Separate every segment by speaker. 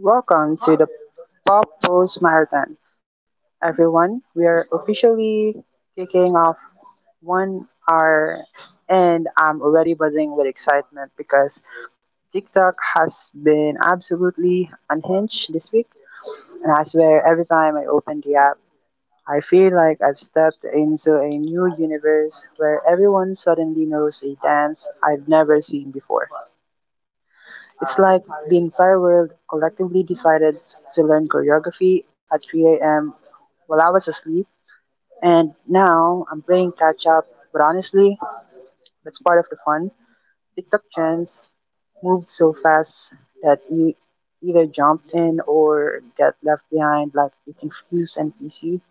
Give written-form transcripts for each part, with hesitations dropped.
Speaker 1: Welcome to the Pop Post Marathon, everyone. We are officially kicking off 1 hour, and I'm already buzzing with excitement because TikTok has been absolutely unhinged this week. And I swear, every time I open the app, I feel like I've stepped into a new universe where everyone suddenly knows a dance I've never seen before. It's like the entire world collectively decided to learn choreography at 3 a.m. while I was asleep, and now I'm playing catch up. But honestly, that's part of the fun. TikTok trends moved so fast that you either jumped in or get left behind, like the confused NPC.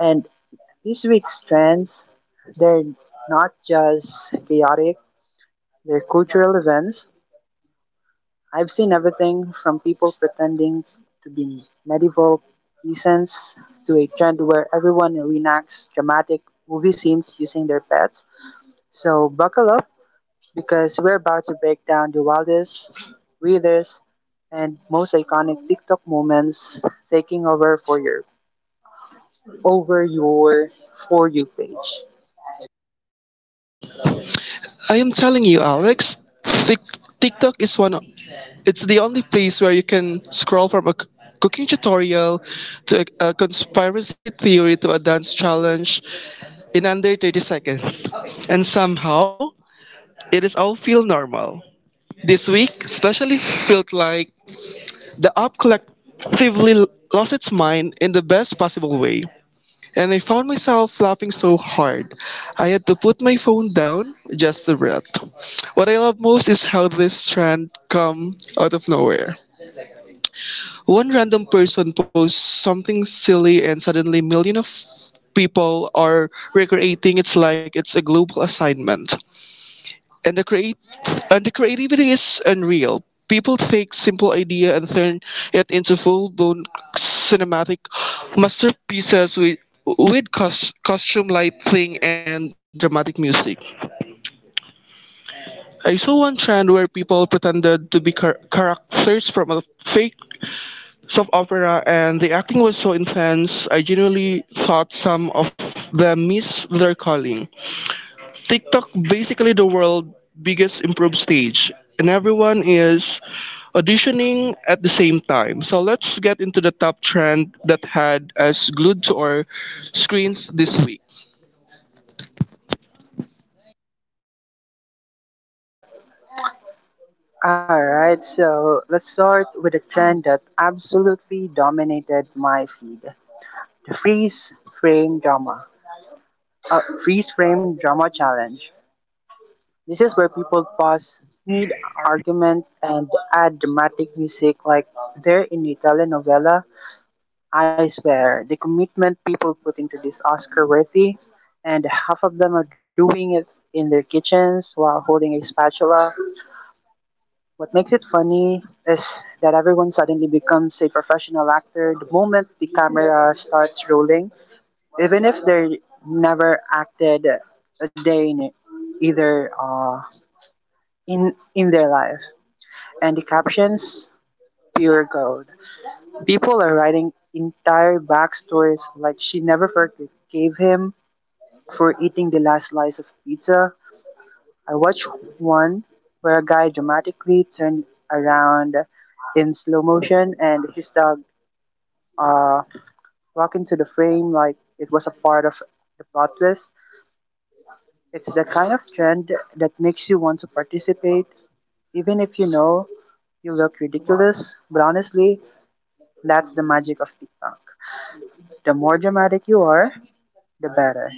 Speaker 1: And this week's trends, they're not just chaotic; they're cultural events. I've seen everything from people pretending to be medieval peasants to a trend where everyone reenacts dramatic movie scenes using their pets. So buckle up because we're about to break down the wildest, weirdest, and most iconic TikTok moments taking over over your for you page.
Speaker 2: I am telling you, Alex, Tik TikTok is it's the only place where you can scroll from a cooking tutorial to a conspiracy theory to a dance challenge in under 30 seconds. And somehow, it is all feel normal. This week especially felt like the app collectively lost its mind in the best possible way, and I found myself laughing so hard I had to put my phone down just to breathe. What I love most is how this trend come out of nowhere. One random person posts something silly and suddenly millions of people are recreating It's like it's a global assignment, and the create and the creativity is unreal. People take simple idea and turn it into full-blown cinematic masterpieces with costume lighting and dramatic music. I saw one trend where people pretended to be characters from a fake soap opera, and the acting was so intense. I genuinely thought some of them missed their calling. TikTok basically the world biggest improved stage, and everyone is auditioning at the same time. So let's get into the top trend that had us glued to our screens this week.
Speaker 1: All right, so let's start with a trend that absolutely dominated my feed: the freeze frame drama. A freeze frame drama challenge. This is where people pause mid argument and add dramatic music like they're in a telenovela. I swear, the commitment people put into this Oscar worthy, and half of them are doing it in their kitchens while holding a spatula. What makes it funny is that everyone suddenly becomes a professional actor the moment the camera starts rolling even if they never acted a day in either in their life. And the captions, pure gold. People are writing entire backstories like she never forgave him for eating the last slice of pizza. I watched one where a guy dramatically turned around in slow motion and his dog uh, walked into the frame like it was a part of the plot twist. It's the kind of trend that makes you want to participate, even if you know you look ridiculous. But honestly, that's the magic of TikTok. The more dramatic you are, the better.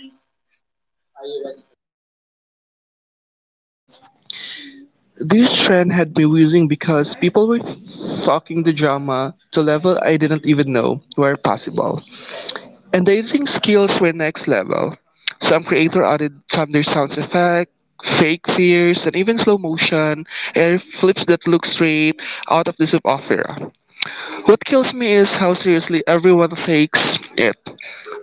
Speaker 2: This trend had me wheezing because people were talking the drama to level I didn't even know were possible, and the editing skills were next level. Some creator added thunder sounds effect, fake fears, and even slow motion, air flips that look straight out of the soap opera. What kills me is how seriously everyone takes it.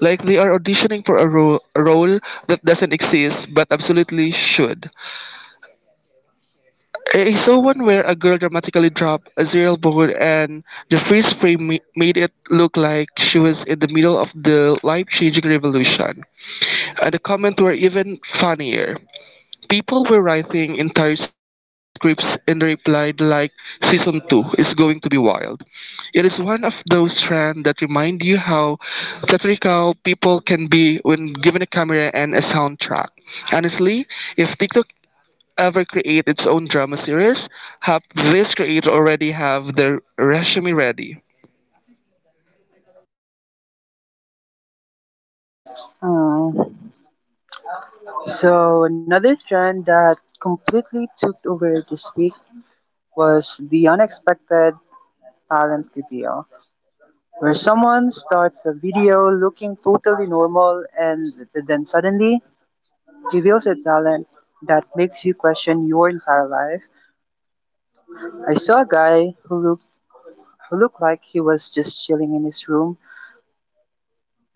Speaker 2: Like they are auditioning for a role that doesn't exist but absolutely should. I saw one where a girl dramatically dropped a cereal bowl and the freeze frame made it look like she was in the middle of the life changing revolution. And the comments were even funnier. People were writing entire scripts and replied like season 2 is going to be wild. It is one of those trends that remind you how theatrical people can be when given a camera and a soundtrack. Honestly, if TikTok ever create its own drama series, have this creator already have their resume ready.
Speaker 1: Oh. So, another trend that completely took over this week was the unexpected talent reveal, where someone starts a video looking totally normal and then suddenly reveals a talent that makes you question your entire life. I saw a guy who looked like he was just chilling in his room.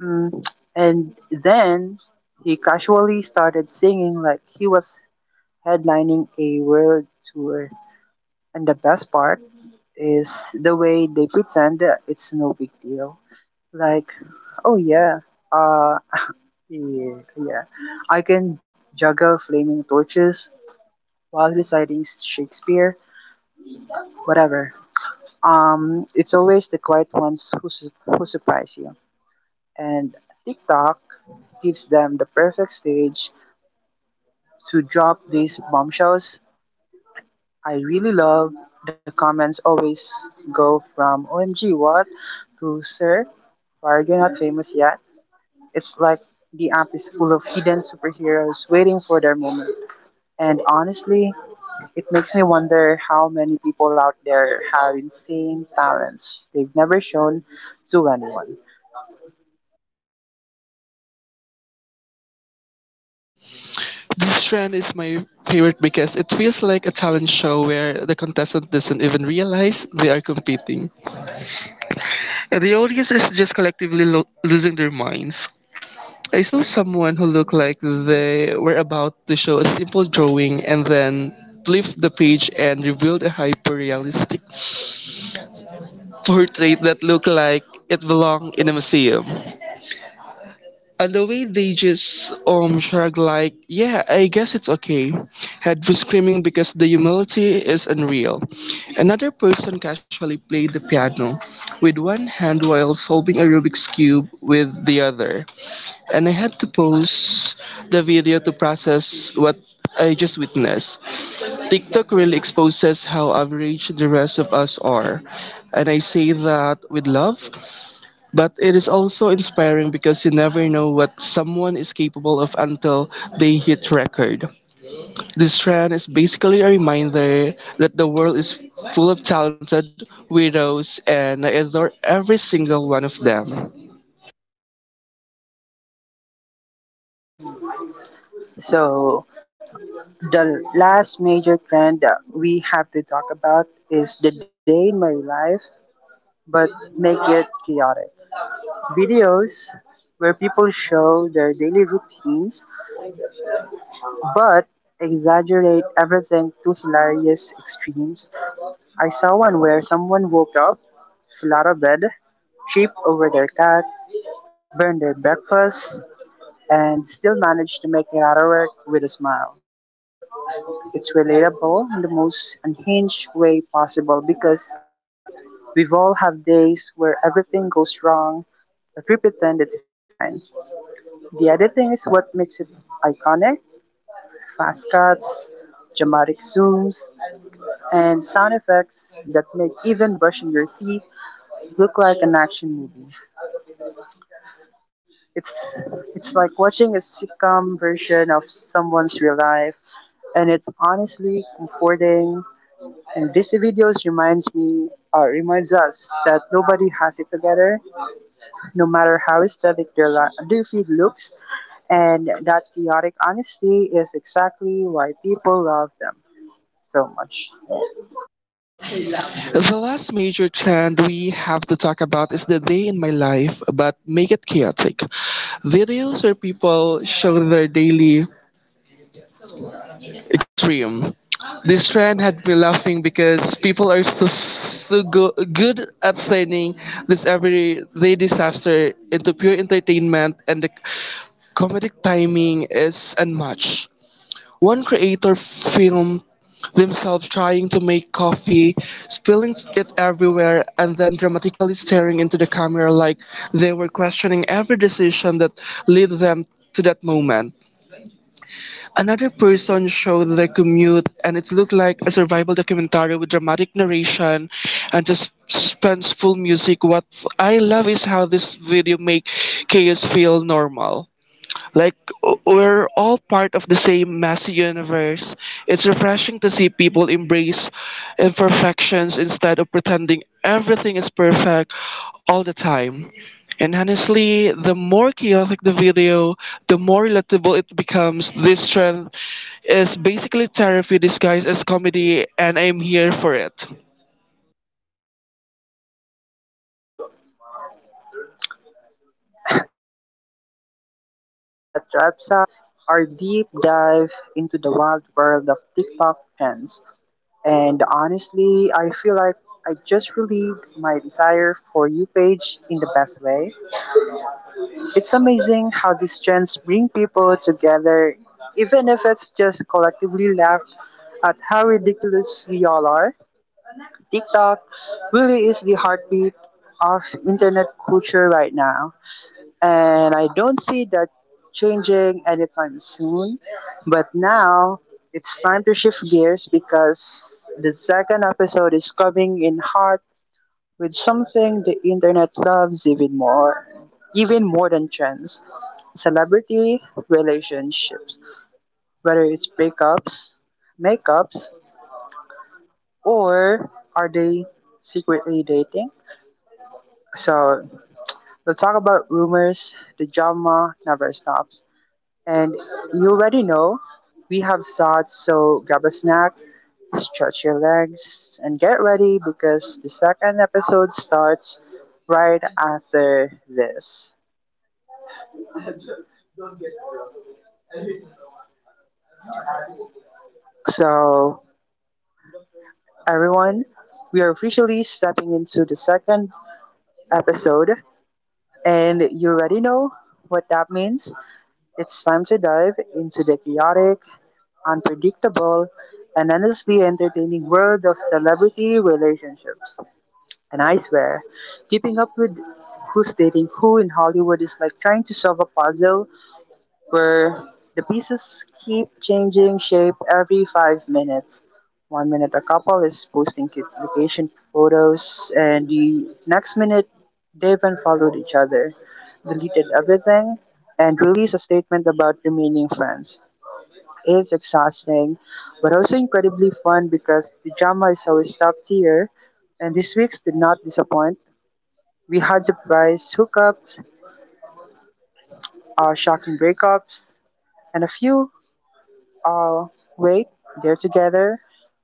Speaker 1: Mm, and then he casually started singing like he was headlining a world tour. And the best part is the way they pretend that it's no big deal. Like, oh yeah, uh, yeah, yeah, I can juggle flaming torches while reciting Shakespeare, whatever. It's always the quiet ones who surprise you. And TikTok gives them the perfect stage to drop these bombshells. I really love the comments always go from OMG what to Sir, why are you not famous yet? It's like the app is full of hidden superheroes waiting for their moment. And honestly, it makes me wonder how many people out there have insane talents they've never shown to anyone.
Speaker 2: This trend is my favorite because it feels like a talent show where the contestant doesn't even realize they are competing. And the audience is just collectively losing their minds. I saw someone who looked like they were about to show a simple drawing and then flipped the page and revealed a hyper realistic portrait that looked like it belonged in a museum. And the way they just shrug like, yeah, I guess it's okay. Head was screaming because the humility is unreal. Another person casually played the piano with one hand while solving a Rubik's cube with the other. And I had to pause the video to process what I just witnessed. TikTok really exposes how average the rest of us are. And I say that with love, but it is also inspiring because you never know what someone is capable of until they hit record. This trend is basically a reminder that the world is full of talented widows, and I adore every single one of them.
Speaker 1: So the last major trend that we have to talk about is the day in my life, but make it chaotic. Videos where people show their daily routines but exaggerate everything to hilarious extremes. I saw one where someone woke up, fell out of bed, tripped over their cat, burned their breakfast, and still managed to make it out of work with a smile. It's relatable in the most unhinged way possible because we've all have days where everything goes wrong, but we pretend it's fine. The editing is what makes it iconic. Fast cuts, dramatic zooms, and sound effects that make even brushing your teeth look like an action movie. It's it's like watching a sitcom version of someone's real life, and it's honestly comforting. And these videos reminds us that nobody has it together no matter how aesthetic their, their feed looks, and that chaotic honesty is exactly why people love them so much.
Speaker 2: The last major trend we have to talk about is the day in my life, but make it chaotic. Videos where people show their daily Extreme. This trend had me laughing because people are so good at planning this everyday disaster into pure entertainment, and the comedic timing is unmatched. One creator filmed themselves trying to make coffee, spilling it everywhere, and then dramatically staring into the camera like they were questioning every decision that led them to that moment. Another person showed their commute, and it looked like a survival documentary with dramatic narration and just suspenseful music. What I love is how this video make chaos feel normal. Like, we're all part of the same messy universe. It's refreshing to see people embrace imperfections instead of pretending everything is perfect all the time. And honestly, the more chaotic the video, the more relatable it becomes. This trend is basically therapy disguised as comedy, and I'm here for it.
Speaker 1: And yes, that wraps up our deep dive into the wild world of TikTok trends. And honestly, I feel like I just relieved my desire for you page in the best way. It's amazing how these trends bring people together, even if it's just collectively laugh at how ridiculous we all are. TikTok really is the heartbeat of internet culture right now. And I don't see that changing anytime soon. But now it's time to shift gears because the second episode is coming in hot with something the internet loves even more. Even more than trends, celebrity relationships, whether it's breakups, makeups, or are they secretly dating? So let's talk about rumors. The drama never stops. And you already know we have thoughts, so grab a snack, stretch your legs, and get ready because the second episode starts right after this. So, everyone, we are officially stepping into the second episode, and you already know what that means. It's time to dive into the chaotic, unpredictable, and endlessly entertaining world of celebrity relationships. And I swear, keeping up with who's dating who in Hollywood is like trying to solve a puzzle where the pieces keep changing shape every 5 minutes. One minute a couple is posting cute vacation photos, and the next minute they've unfollowed each other, deleted everything, and released a statement about remaining friends is exhausting, but also incredibly fun because the drama is always top tier, and this week's did not disappoint. We had surprise hookups, shocking breakups, and a few, uh, wait, they're together.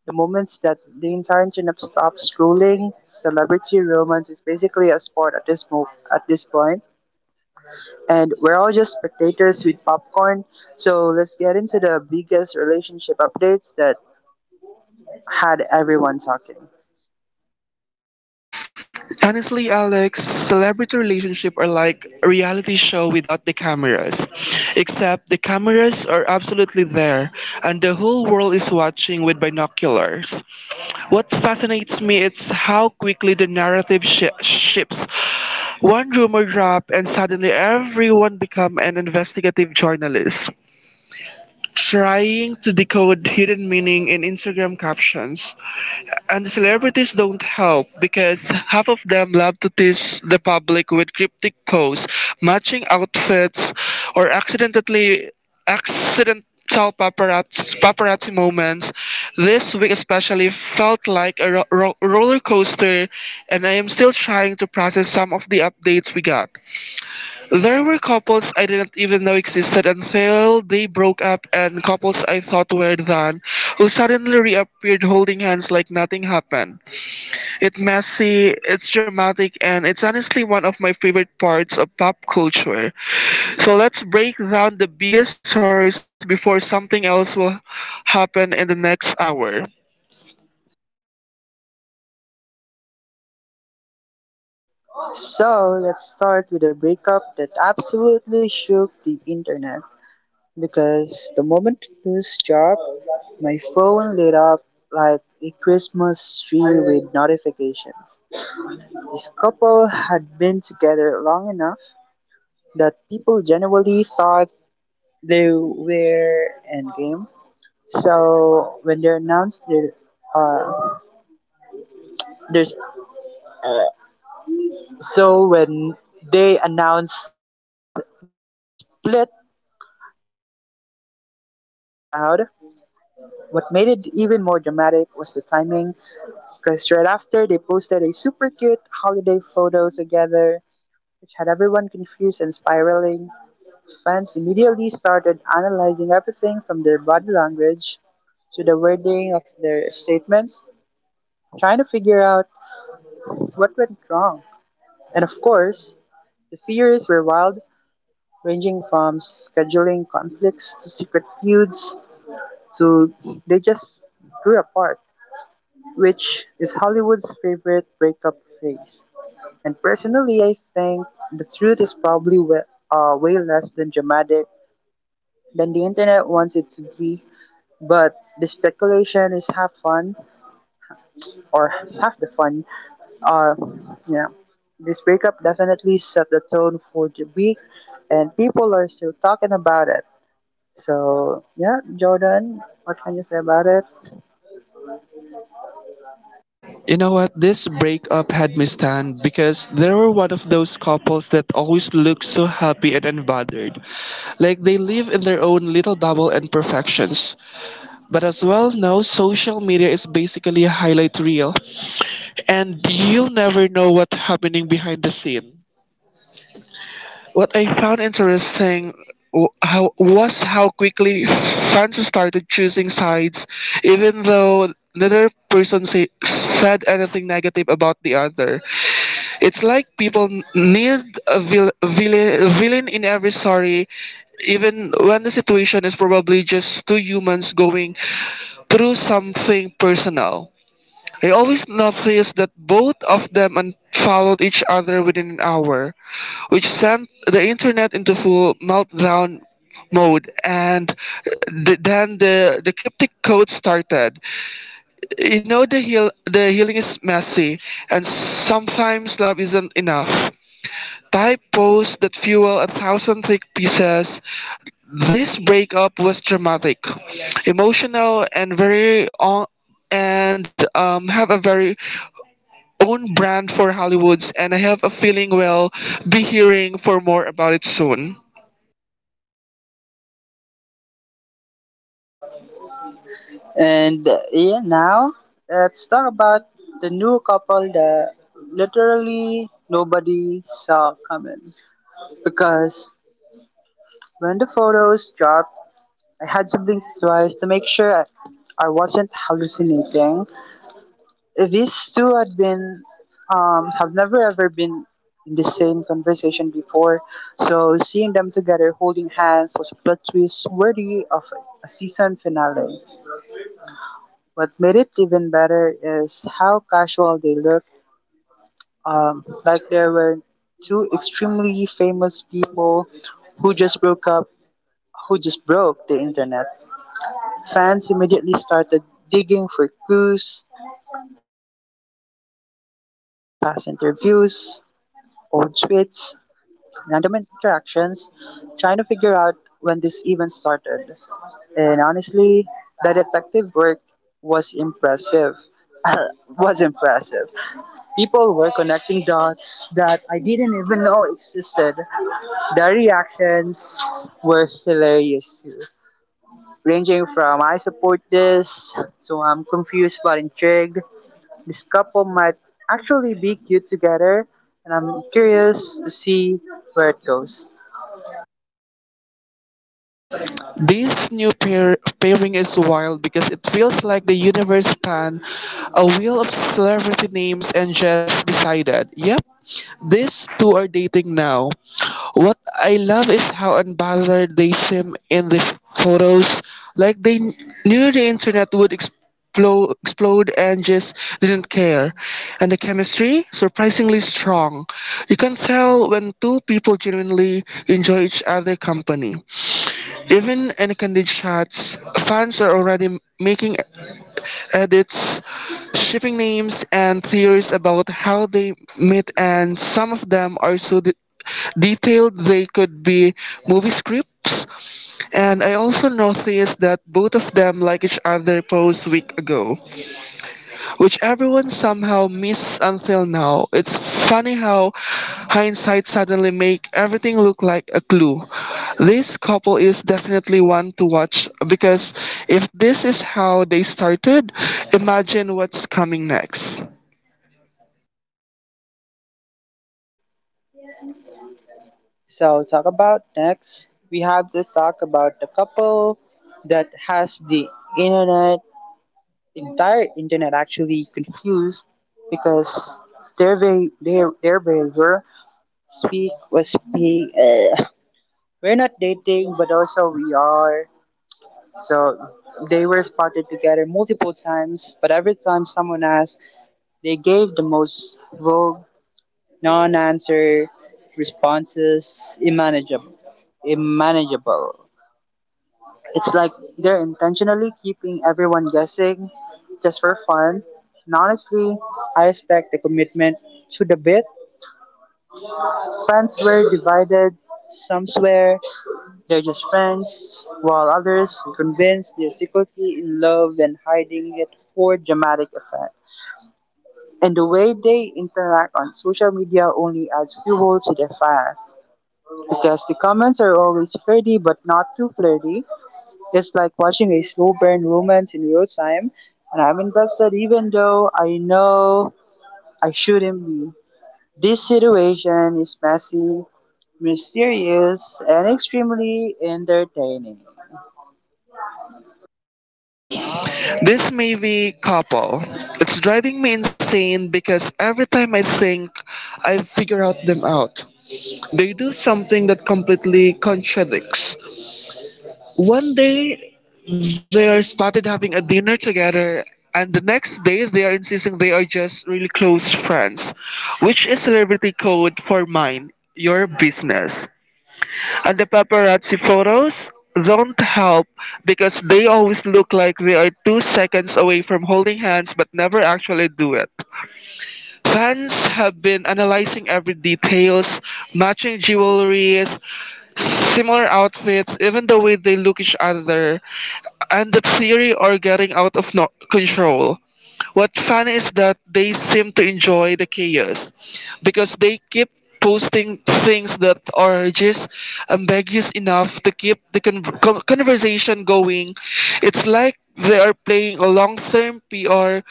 Speaker 1: The moments that the entire internet stops scrolling, celebrity romance is basically a sport at at this point, and we're all just spectators with popcorn. So let's get into the biggest relationship updates that had everyone talking.
Speaker 2: Honestly, Alex, celebrity relationships are like a reality show without the cameras. Except the cameras are absolutely there, and the whole world is watching with binoculars. What fascinates me is how quickly the narrative shifts. One rumor drop, and suddenly everyone become an investigative journalist, trying to decode hidden meaning in Instagram captions. And celebrities don't help because half of them love to tease the public with cryptic posts, matching outfits, or accidental paparazzi moments. This week especially felt like a roller coaster, and I am still trying to process some of the updates we got. There were couples I didn't even know existed until they broke up, and couples I thought were done, who suddenly reappeared holding hands like nothing happened. It's messy, it's dramatic, and it's honestly one of my favorite parts of pop culture. So let's break down the biggest stories before something else will happen in the next hour.
Speaker 1: So let's start with a breakup that absolutely shook the internet because the moment this dropped, my phone lit up like a Christmas tree with notifications. This couple had been together long enough that people generally thought they were endgame. So when they announced their uh, their so when they announced their split. The collective gasp was loud. What made it even more dramatic was the timing, because right after they posted a super cute holiday photo together, which had everyone confused and spiraling, fans immediately started analyzing everything from their body language to the wording of their statements, trying to figure out what went wrong. And of course, the theories were wild, ranging from scheduling conflicts to secret feuds. So they just grew apart, which is Hollywood's favorite breakup phase. And personally, I think the truth is probably way less than dramatic than the internet wants it to be. But the speculation is or half the fun. Uh, yeah. This breakup definitely set the tone for the week, and people are still talking about it. So yeah, Jordan, what can you say about it?
Speaker 2: You know what? This breakup had me stunned because they were one of those couples that always look so happy and unbothered. Like they live in their own little bubble and perfections. But as well now, social media is basically a highlight reel, and you never know what's happening behind the scene. What I found interesting w- how was how quickly fans started choosing sides, even though neither person said anything negative about the other. It's like people need a villain, villain in every story, even when the situation is probably just two humans going through something personal. I always noticed that both of them unfollowed each other within an hour, which sent the internet into full meltdown mode, and then the cryptic code started. You know, the heal the healing is messy and sometimes love isn't enough type posts that fuel a thousand thick pieces. This breakup was dramatic, emotional, and very on, and have a very own brand for Hollywoods, and I have a feeling we'll be hearing for more about it soon.
Speaker 1: And yeah, now let's talk about the new couple that literally nobody saw coming. Because when the photos dropped, I had to blink twice to make sure I wasn't hallucinating. If these two have never ever been in the same conversation before, so seeing them together holding hands was a plot twist worthy of a season finale. What made it even better is how casual they looked, like there were two extremely famous people who just broke up, who just broke the internet. Fans immediately started digging for clues, past interviews, old tweets, random interactions, trying to figure out when this even started. And honestly, the detective work was impressive. was impressive. People were connecting dots that I didn't even know existed. The reactions were hilarious too, ranging from I support this to I'm confused but intrigued. This couple might actually be cute together, and I'm curious to see where it goes.
Speaker 2: This pairing is wild because it feels like the universe spun a wheel of celebrity names and just decided, yep, these two are dating now. What I love is how unbothered they seem in the photos, like they knew the internet would explode, explode, and just didn't care. And the chemistry, surprisingly strong. You can tell when two people genuinely enjoy each other's company. Even in candid chats, fans are already making edits, shipping names, and theories about how they met, and some of them are so detailed they could be movie scripts. And I also noticed that both of them like each other post week ago, which everyone somehow missed until now. It's funny how hindsight suddenly make everything look like a clue. This couple is definitely one to watch because if this is how they started, imagine what's coming next.
Speaker 1: So, talk about next. We have to talk about the couple that has the internet entire internet actually confused because they're very were speak was being we're not dating but also we are so they were spotted together multiple times but every time someone asked they gave the most vague non-answer responses immanageable. It's like they're intentionally keeping everyone guessing just for fun. And honestly, I respect the commitment to the bit. Fans were divided. Some swear they're just friends, while others are convinced they're secretly in love and hiding it for dramatic effect. And the way they interact on social media only adds fuel to the fire. Because the comments are always flirty but not too flirty, it's like watching a slow burn romance in real time, and I'm invested even though I know I shouldn't be. This situation is messy, mysterious, and extremely entertaining.
Speaker 2: This maybe couple. It's driving me insane because every time I think I figure out them out, they do something that completely contradicts. One day they are spotted having a dinner together, and the next day they are insisting they are just really close friends, which is celebrity code for mine, your business. And the paparazzi photos don't help because they always look like they are 2 seconds away from holding hands but never actually do it. Fans have been analyzing every details, matching jewelries, similar outfits, even the way they look each other, and the theory are getting out of control. What fun is that they seem to enjoy the chaos because they keep posting things that are just ambiguous enough to keep the conversation going. It's like they are playing a long-term PR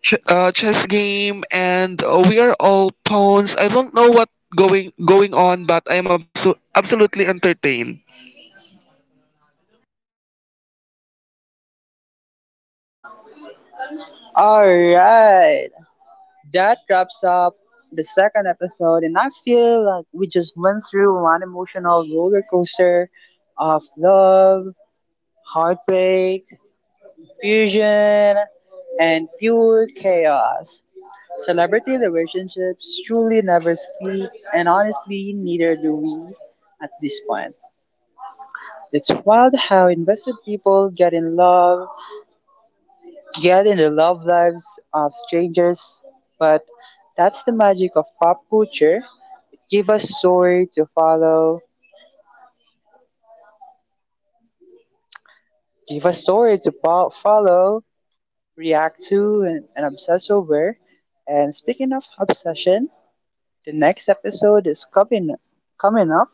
Speaker 2: chess game, and we are all pawns. I don't know what going on, but I am absolutely entertained.
Speaker 1: Alright, that wraps up the second episode, and I feel like we just went through one emotional roller coaster of love, heartbreak, fusion, and pure chaos. Celebrity relationships truly never speak, and honestly, neither do we at this point. It's wild how invested people get in love, get in the love lives of strangers, but that's the magic of pop culture. Give us story to follow, give us story to fo- follow, react to, and obsess over. And speaking of obsession, the next episode is coming up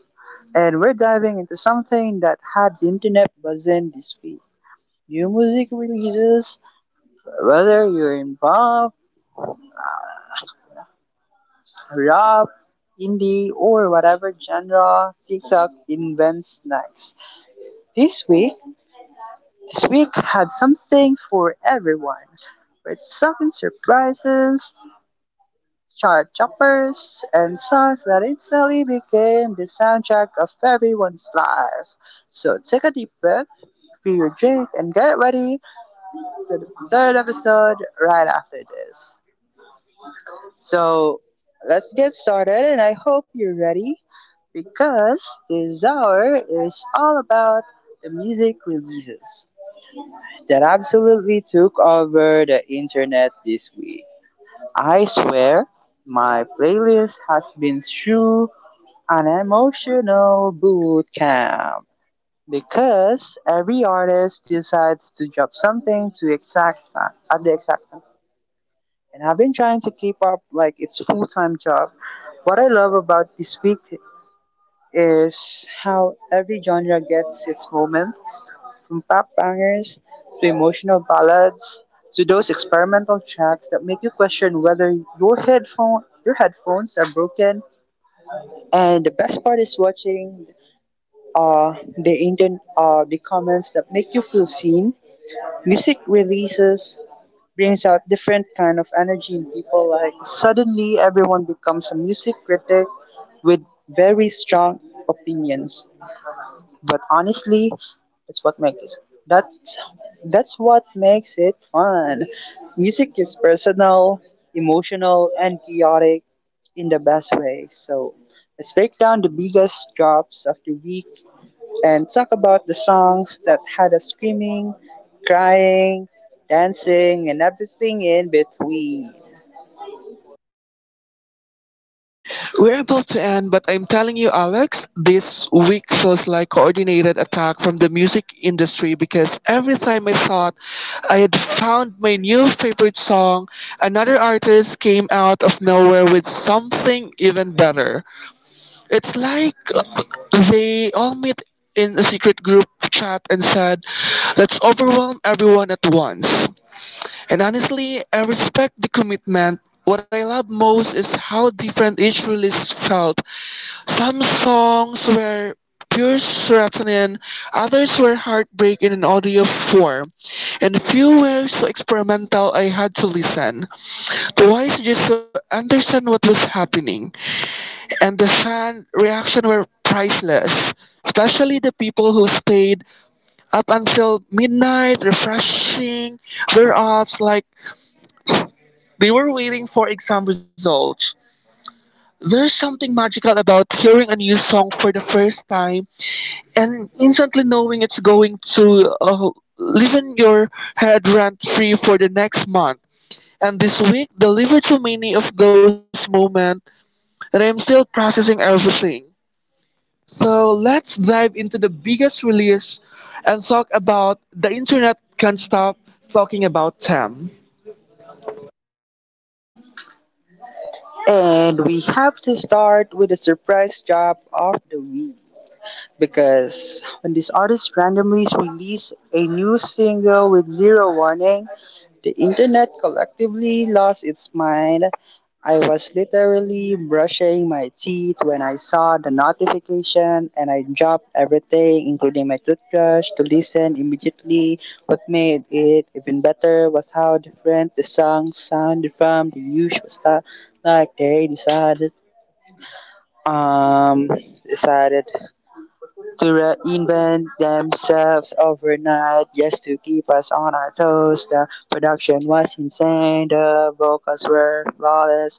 Speaker 1: and we're diving into something that had the internet buzzing this week. New music releases, whether you're in pop, rap, indie, or whatever genre TikTok invents next. This week, this week had something for everyone, with something surprises, chart choppers, and songs that instantly became the soundtrack of everyone's lives. So take a deep breath, fill your drink, and get ready to the third episode right after this. So let's get started, and I hope you're ready because this hour is all about the music releases that absolutely took over the internet this week. I swear, my playlist has been through an emotional boot camp because every artist decides to drop something to exact at the exact and I've been trying to keep up like it's full time job. What I love about this week is how every genre gets its moment, from pop bangers to emotional ballads to those experimental tracks that make you question whether your headphones are broken. And the best part is watching the comments that make you feel seen. Music releases brings out different kind of energy in people. Like suddenly everyone becomes a music critic with very strong opinions. But honestly, that's what makes that's that's what makes it fun. Music is personal, emotional, and chaotic in the best way. So let's break down the biggest drops of the week and talk about the songs that had us screaming, crying, dancing, and everything in between.
Speaker 2: We're about to end, but I'm telling you, Alex, this week feels like coordinated attack from the music industry because every time I thought I had found my new favorite song, another artist came out of nowhere with something even better. It's like they all meet in a secret group chat and said, let's overwhelm everyone at once. And honestly, I respect the commitment. What I love most is how different each release felt. Some songs were pure serotonin, others were heartbreak in an audio form, and few were so experimental I had to listen twice just to understand what was happening. And the fan reaction were priceless, especially the people who stayed up until midnight refreshing their apps like they were waiting for exam results. There's something magical about hearing a new song for the first time and instantly knowing it's going to live in your head rent free for the next month. And this week delivered so many of those moments, and I'm still processing everything. So let's dive into the biggest release and talk about the internet can't stop talking about them.
Speaker 1: And we have to start with the surprise job of the week because when these artists randomly release a new single with zero warning, the internet collectively lost its mind. I was literally brushing my teeth when I saw the notification and I dropped everything, including my toothbrush, to listen immediately. What made it even better was how different the song sounded from the usual stuff. Like they decided, um, decided to reinvent themselves overnight just to keep us on our toes. The production was insane, the vocals were flawless,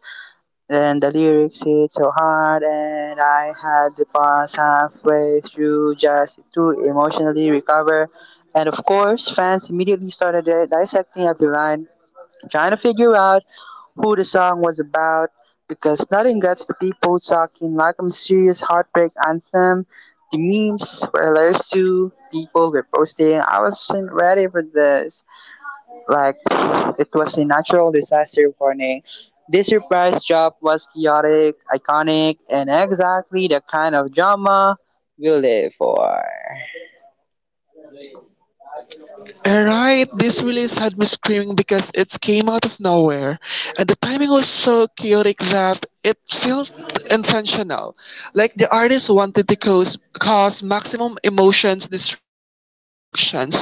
Speaker 1: and the lyrics hit so hard, and I had to pause halfway through just to emotionally recover. And of course, fans immediately started dissecting every line, trying to figure out who the song was about, because nothing gets the people talking like a mysterious heartbreak anthem. The memes were hilarious too. People were posting, I wasn't ready for this. Like it was a natural disaster warning. This surprise drop was chaotic, iconic, and exactly the kind of drama we live for.
Speaker 2: Alright, this release had me screaming because it came out of nowhere, and the timing was so chaotic that it felt intentional, like the artist wanted to cause maximum emotions distractions.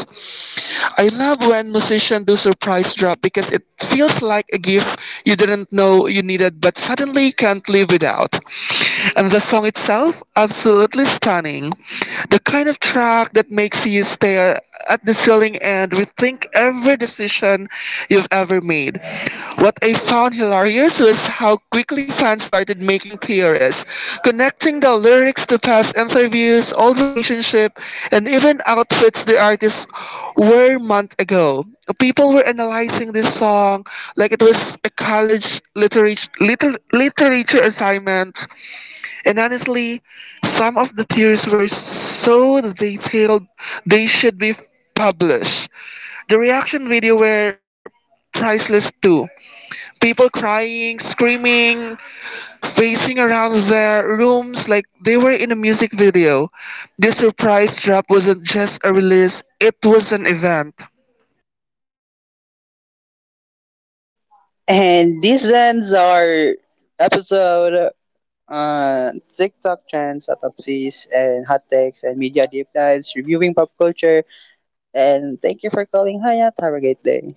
Speaker 2: I love when musicians do surprise drop because it feels like a gift you didn't know you needed but suddenly can't live without. And the song itself, absolutely stunning. The kind of track that makes you stare at the ceiling and rethink every decision you've ever made. What I found hilarious was how quickly fans started making theories, connecting the lyrics to past interviews, old relationship, and even outfits the artists wore months ago. People were analyzing this song like it was a college literature assignment, and honestly, some of the theories were so detailed they should be published. The reaction video were priceless too. People crying, screaming, facing around their rooms like they were in a music video. This surprise drop wasn't just a release, it was an event.
Speaker 1: And this ends our episode on TikTok trends, autopsies, and hot takes, and media deep dives, reviewing pop culture. And thank you for calling Hayat. Have a great day.